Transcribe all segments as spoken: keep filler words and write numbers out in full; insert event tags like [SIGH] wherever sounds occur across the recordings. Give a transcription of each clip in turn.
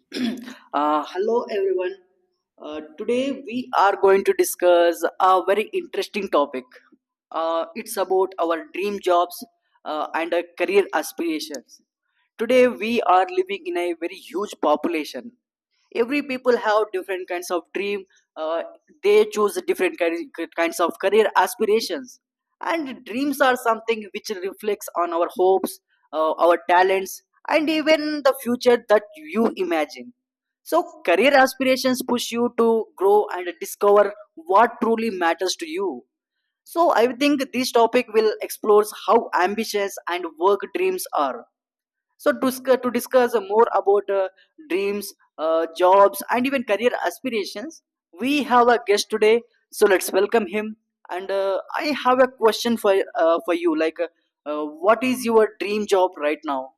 [CLEARS THROAT] uh, Hello everyone. Uh, today we are going to discuss a very interesting topic. Uh, it's about our dream jobs uh, and our career aspirations. Today we are living in a very huge population. Every people have different kinds of dream. Uh, they choose different kin- kinds of career aspirations, and dreams are something which reflects on our hopes, uh, our talents, and even the future that you imagine. So career aspirations push you to grow and discover what truly matters to you. So I think this topic will explore how ambitious and work dreams are. So, to, sc- to discuss more about uh, dreams, uh, jobs, and even career aspirations, we have a guest today. So let's welcome him. And uh, I have a question for uh, for you. Like, uh, uh, what is your dream job right now?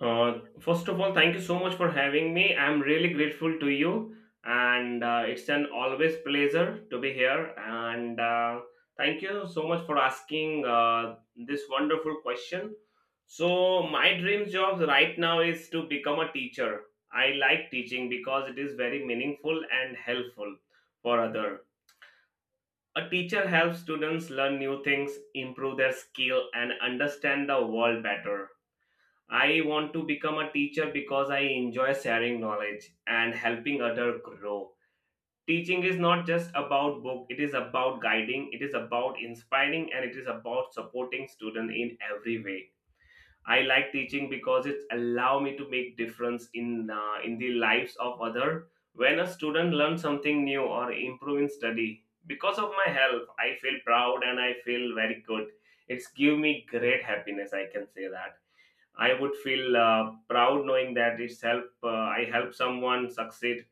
Uh, first of all, thank you so much for having me. I'm really grateful to you, and uh, it's an always pleasure to be here. And uh, Thank you so much for asking uh, this wonderful question. So, my dream job right now is to become a teacher. I like teaching because it is very meaningful and helpful for others. A teacher helps students learn new things, improve their skill, and understand the world better. I want to become a teacher because I enjoy sharing knowledge and helping others grow. Teaching is not just about book, it is about guiding, it is about inspiring and it is about supporting students in every way. I like teaching because it allow me to make difference in uh, in the lives of other. When a student learns something new or improve in study, because of my help, I feel proud and I feel very good. It's give me great happiness, I can say that I would feel uh, proud knowing that it's help. Uh, I help someone succeed,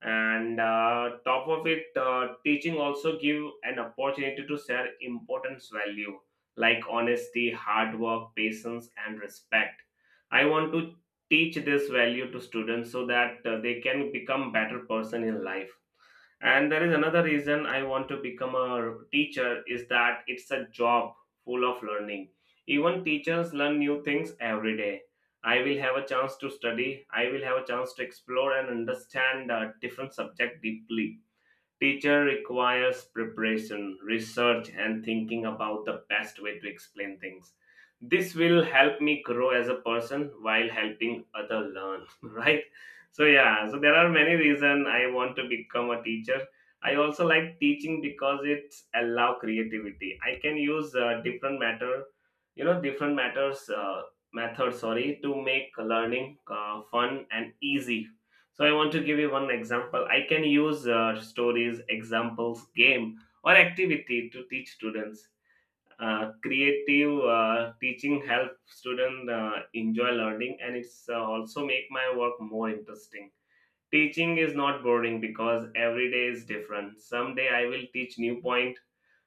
and uh, top of it, uh, teaching also give an opportunity to share importance value like honesty, hard work, patience, and respect. I want to teach this value to students so that uh, they can become better person in life, and there is another reason I want to become a teacher is that it's a job full of learning. Even teachers learn new things every day. I will have a chance to study, I will have a chance to explore and understand uh, different subject deeply. Teacher requires preparation, research, and thinking about the best way to explain things. This will help me grow as a person while helping other learn, [LAUGHS] right? So yeah, so there are many reasons I want to become a teacher. I also like teaching because it allow creativity. I can use uh, different matter, you know, different matters uh, method, sorry, to make learning uh, fun and easy, so I want to give you one example. I can use uh, stories, examples, game, or activity to teach students. Uh, creative uh, teaching help student uh, enjoy learning, and it's uh, also make my work more interesting. Teaching is not boring because every day is different. Someday I will teach new point.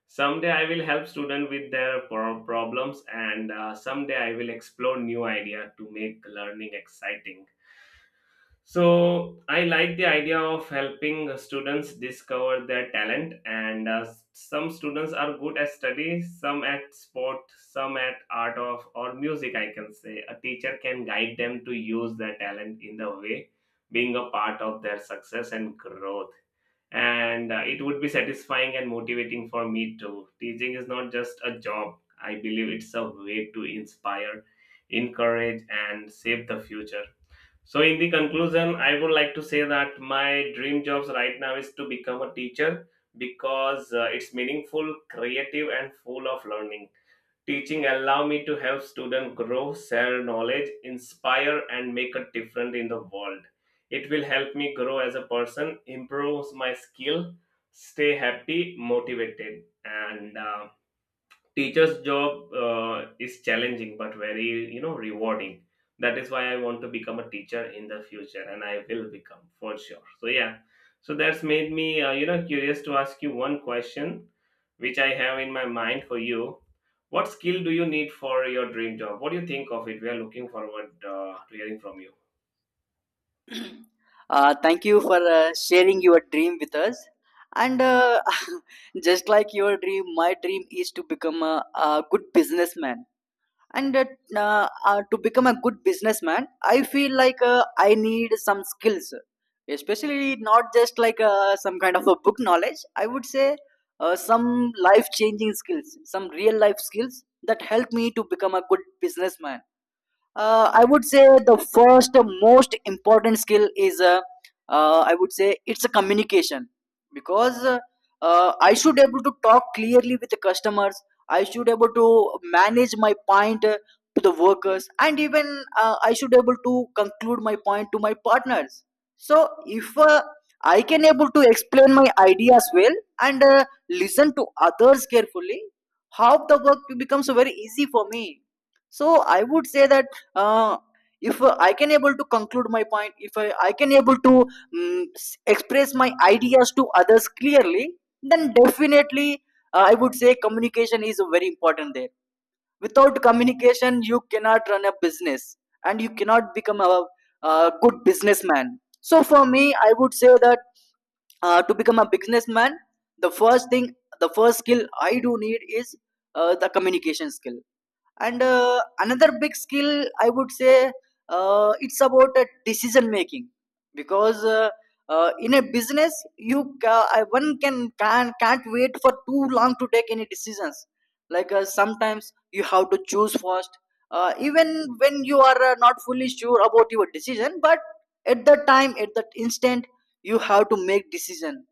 Someday I will help student with their pro- problems, and uh, someday I will explore new idea to make learning exciting, so I like the idea of helping students discover their talent, and uh, some students are good at study, some at sport, some at art of or music. I can say a teacher can guide them to use their talent in the way, being a part of their success and growth. And uh, It would be satisfying and motivating for me too. Teaching is not just a job. I believe it's a way to inspire, encourage, and save the future, so, in the conclusion, I would like to say that my dream jobs right now is to become a teacher because uh, it's meaningful, creative, and full of learning. Teaching allow me to help students grow, share knowledge, inspire, and make a difference in the world. It will help me grow as a person, improve my skill, stay happy, motivated, and uh, teacher's job uh, is challenging but very you know rewarding. That is why I want to become a teacher in the future and I will become for sure, so yeah, so that's made me uh, you know curious to ask you one question which I have in my mind for you. What skill do you need for your dream job? What do you think of it? We are looking forward uh, to hearing from you. Uh, thank you for uh, sharing your dream with us. And uh, [LAUGHS] just like your dream, my dream is to become a, a good businessman. And uh, uh, uh, to become a good businessman, I feel like uh, I need some skills, especially not just like uh, some kind of a book knowledge. I would say uh, some life changing skills, some real life skills that help me to become a good businessman. Uh, i would say the first uh, most important skill is uh, uh, i would say it's a communication because uh, uh, i should able to talk clearly with the customers. I should able to manage my point uh, to the workers, and even uh, I should able to conclude my point to my partners. So if uh, I can able to explain my ideas well and uh, listen to others carefully, how the work becomes very easy for me. So I would say that, uh, if uh, I can able to conclude my point, if i, I can able to mm, s express my ideas to others clearly, then definitely uh, i would say communication is very important there. Without communication you cannot run a business, and you cannot become a, a good businessman. So for me I would say that, uh, to become a businessman, the first thing, the first skill I do need is uh, the communication skill. And uh, another big skill, I would say, uh, it's about uh, decision making. Because uh, uh, in a business you ca- uh, one can can can't wait for too long to take any decisions. Like uh, sometimes you have to choose first, uh, even when you are uh, not fully sure about your decision, but at the time at that instant you have to make decision.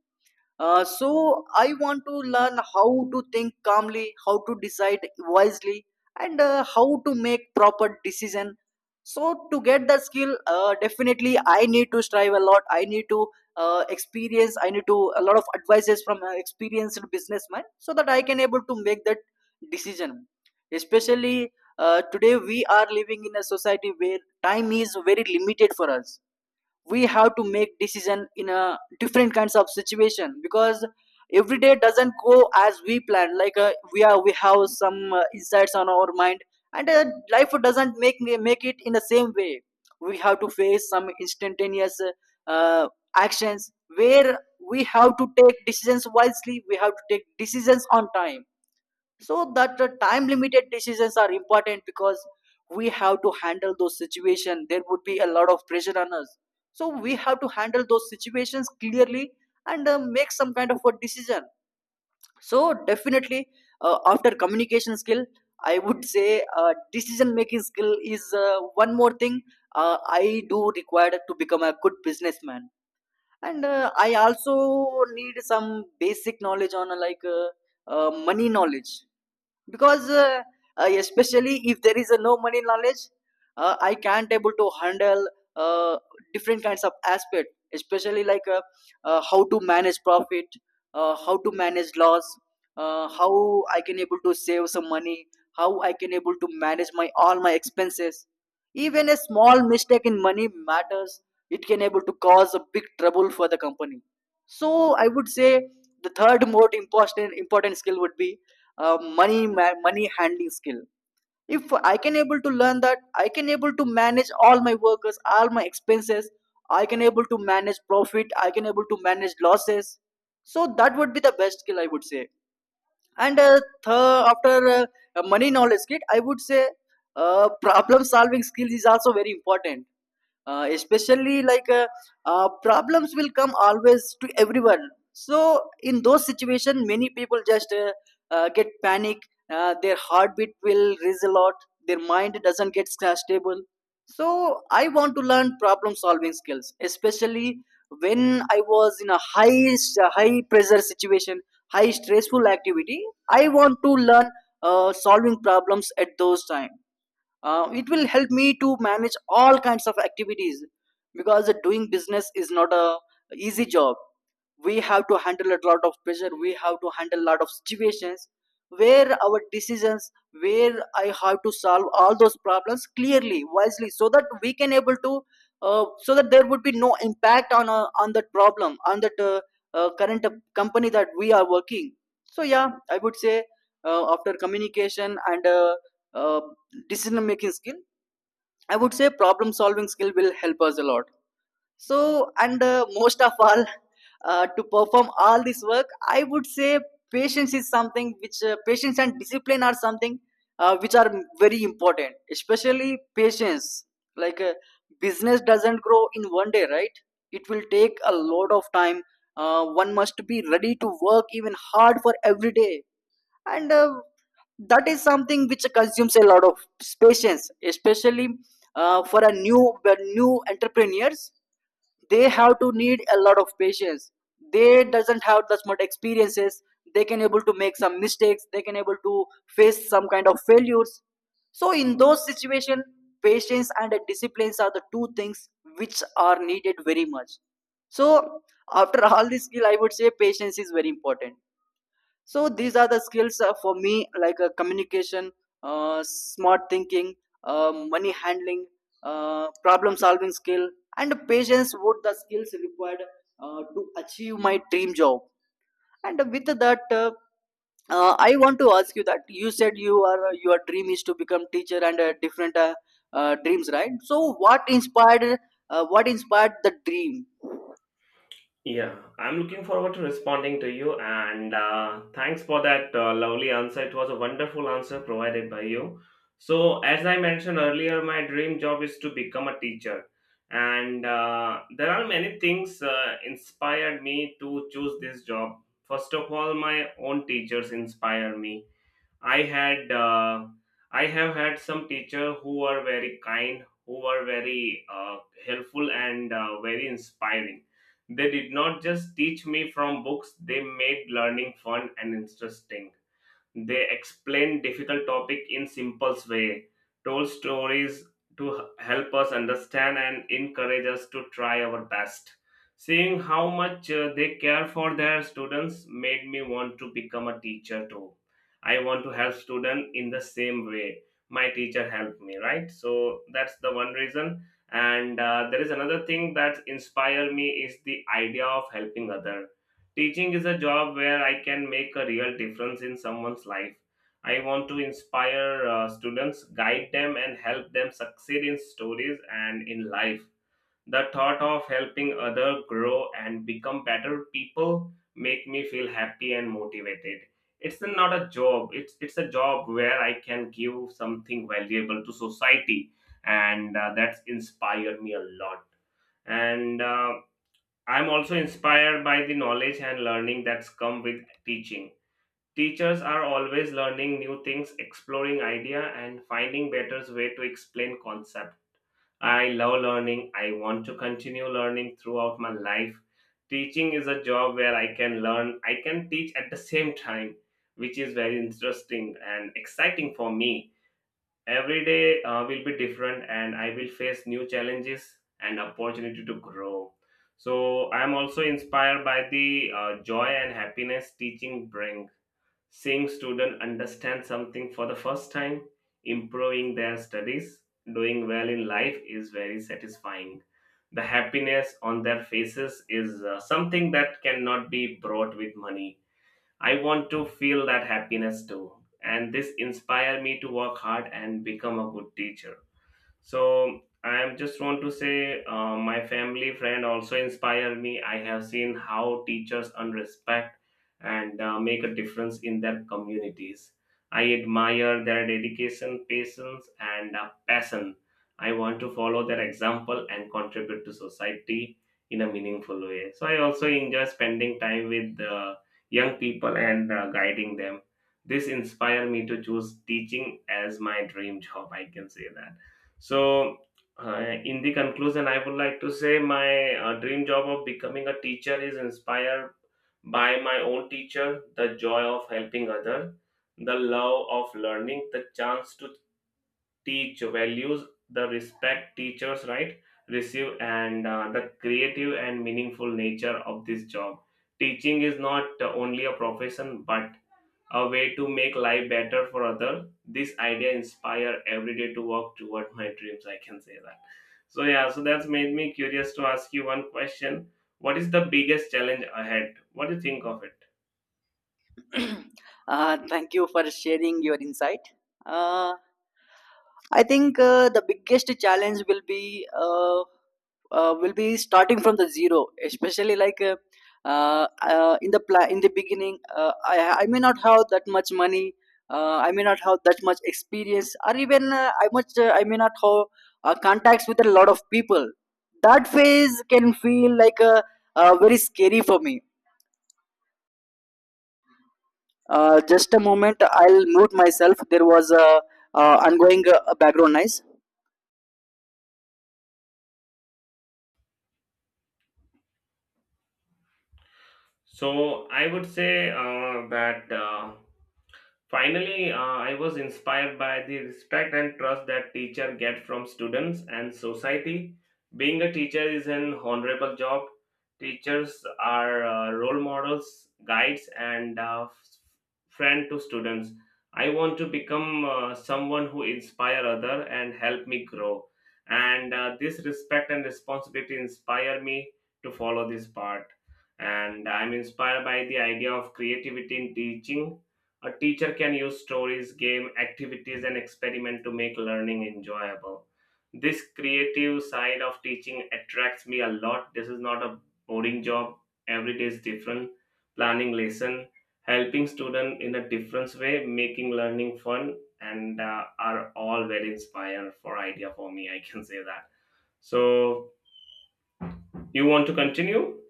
uh, So I want to learn how to think calmly, how to decide wisely, and uh, how to make proper decision. So to get that skill, uh, definitely I need to strive a lot. I need to uh, experience. I need to a lot of advices from uh, experienced businessman so that I can able to make that decision. Especially uh, today, we are living in a society where time is very limited for us. We have to make decision in a different kinds of situation, because every day doesn't go as we plan. Like uh, we are we have some uh, insights on our mind, and uh, life doesn't make make it in the same way. We have to face some instantaneous uh, uh, actions where we have to take decisions wisely, we have to take decisions on time, so that the time limited decisions are important. Because we have to handle those situations, there would be a lot of pressure on us. So we have to handle those situations clearly and uh, make some kind of a decision. So definitely uh, after communication skill, I would say uh, decision making skill is uh, one more thing uh, I do required to become a good businessman. And uh, I also need some basic knowledge on uh, like uh, uh, money knowledge. Because uh, uh, especially if there is a no money knowledge, uh, I can't able to handle uh, different kinds of aspect, especially like uh, uh, how to manage profit, uh, how to manage loss, uh, how I can able to save some money, how I can able to manage my all my expenses. Even a small mistake in money matters, it can able to cause a big trouble for the company. So I would say the third most important important skill would be uh, money money handling skill. If I can able to learn that, I can able to manage all my workers, all my expenses. I can able to manage profit, I can able to manage losses. So that would be the best skill I would say. And uh, th- after uh, money knowledge skill, I would say uh, problem solving skills is also very important. Uh, especially like uh, uh, problems will come always to everyone. So in those situations many people just uh, uh, get panic, uh, their heartbeat will raise a lot, their mind doesn't get sta- stable. So I want to learn problem solving skills, especially when I was in a high high pressure situation, high stressful activity. I want to learn uh, solving problems at those time. Uh, it will help me to manage all kinds of activities. Because doing business is not a easy job. We have to handle a lot of pressure, we have to handle a lot of situations where our decisions where I have to solve all those problems clearly, wisely, so that we can able to, uh, so that there would be no impact on uh, on that problem, on that uh, uh, current uh, company that we are working. So yeah, I would say uh, after communication and uh, uh, decision making skill, I would say problem solving skill will help us a lot. So, and uh, most of all, uh, to perform all this work, I would say patience is something which uh, patience and discipline are something uh, which are very important, especially patience. Like uh, business doesn't grow in one day, right? It will take a lot of time. Uh, one must be ready to work even hard for every day, and uh, that is something which consumes a lot of patience, especially uh, for a new new entrepreneurs. They have to need a lot of patience, they doesn't have that much experiences. They can able to make some mistakes, they can able to face some kind of failures. So in those situation, patience and disciplines are the two things which are needed very much. So after all this skill, I would say patience is very important. So these are the skills uh, for me, like uh, communication, uh, smart thinking, uh, money handling, uh, problem solving skill, and patience would the skills required uh, to achieve my dream job. And with that uh, uh, i want to ask you that, you said you are uh, your dream is to become teacher, and uh, different uh, uh, dreams, right? So what inspired uh, what inspired the dream? Yeah, I'm looking forward to responding to you, and uh, thanks for that uh, lovely answer. It was a wonderful answer provided by you. So, as I mentioned earlier, my dream job is to become a teacher, and uh, there are many things uh, inspired me to choose this job. First of all, my own teachers inspire me. I had uh, I have had some teacher who were very kind, who were very uh, helpful and uh, very inspiring. They did not just teach me from books; they made learning fun and interesting. They explain difficult topic in simple way, told stories to h- help us understand and encourage us to try our best. Seeing how much uh, they care for their students made me want to become a teacher too. I want to help students in the same way my teacher helped me, right? So that's the one reason. And uh, There is another thing that inspired me is the idea of helping other. Teaching is a job where I can make a real difference in someone's life. I want to inspire uh, students, guide them, and help them succeed in stories and in life. The thought of helping others grow and become better people make me feel happy and motivated. It's not a job. It's it's a job where I can give something valuable to society, and uh, that's inspired me a lot, and uh, I'm also inspired by the knowledge and learning that's come with teaching. Teachers are always learning new things, exploring idea and finding better way to explain concept. I love learning. I want to continue learning throughout my life. Teaching is a job where I can learn, I can teach at the same time, which is very interesting and exciting for me. Every day uh, will be different, and I will face new challenges and opportunity to grow. So I am also inspired by the uh, joy and happiness teaching bring. Seeing students understand something for the first time, improving their studies, doing well in life is very satisfying. The happiness on their faces is uh, something that cannot be bought with money. I want to feel that happiness too. And this inspired me to work hard and become a good teacher. So I am just want to say uh, my family friend also inspire me. I have seen how teachers earn respect and uh, make a difference in their communities. I admire their dedication, patience, and uh, passion. I want to follow their example and contribute to society in a meaningful way. So I also enjoy spending time with uh, young people and uh, guiding them. This inspire me to choose teaching as my dream job, I can say that. So, uh, in the conclusion, I would like to say my uh, dream job of becoming a teacher is inspired by my own teacher, the joy of helping other, the love of learning, the chance to teach values, the respect teachers right receive, and uh, the creative and meaningful nature of this job. Teaching is not only a profession, but a way to make life better for other. This idea inspire every day to work toward my dreams, I can say that. So yeah, so that's made me curious to ask you one question. What is the biggest challenge ahead? What do you think of it? [CLEARS THROAT] Uh, thank you for sharing your insight. Uh, I think uh, the biggest challenge will be uh, uh, will be starting from the zero, especially like uh, uh, uh, in the pla- in the beginning. Uh, I I may not have that much money. Uh, I may not have that much experience, or even uh, I much uh, I may not have uh, contacts with a lot of people. That phase can feel like a, uh, very scary for me. Uh, just a moment, I'll mute myself. There was a uh, ongoing uh, background noise. So i would say uh, that uh, Finally, uh, I was inspired by the respect and trust that teacher get from students and society. Being a teacher is an honorable job. Teachers are uh, role models, guides, and uh, f- friend to students. I want to become uh, someone who inspire other and help me grow. And uh, This respect and responsibility inspire me to follow this part. And I'm inspired by the idea of creativity in teaching. A teacher can use stories, game, activities, and experiment to make learning enjoyable. This creative side of teaching attracts me a lot. This is not a boring job. Every day is different. Planning lesson, helping student in a different way, making learning fun, and uh, are all very inspiring for idea for me, I can say that. So, you want to continue?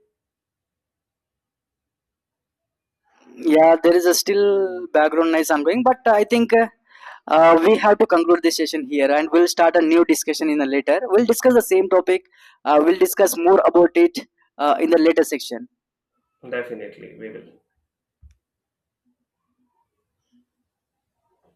Yeah, there is a still background noise ongoing, but I think uh, uh, we have to conclude this session here, and we'll start a new discussion in the later. We'll discuss the same topic. Uh, we'll discuss more about it uh, in the later section. Definitely, we will.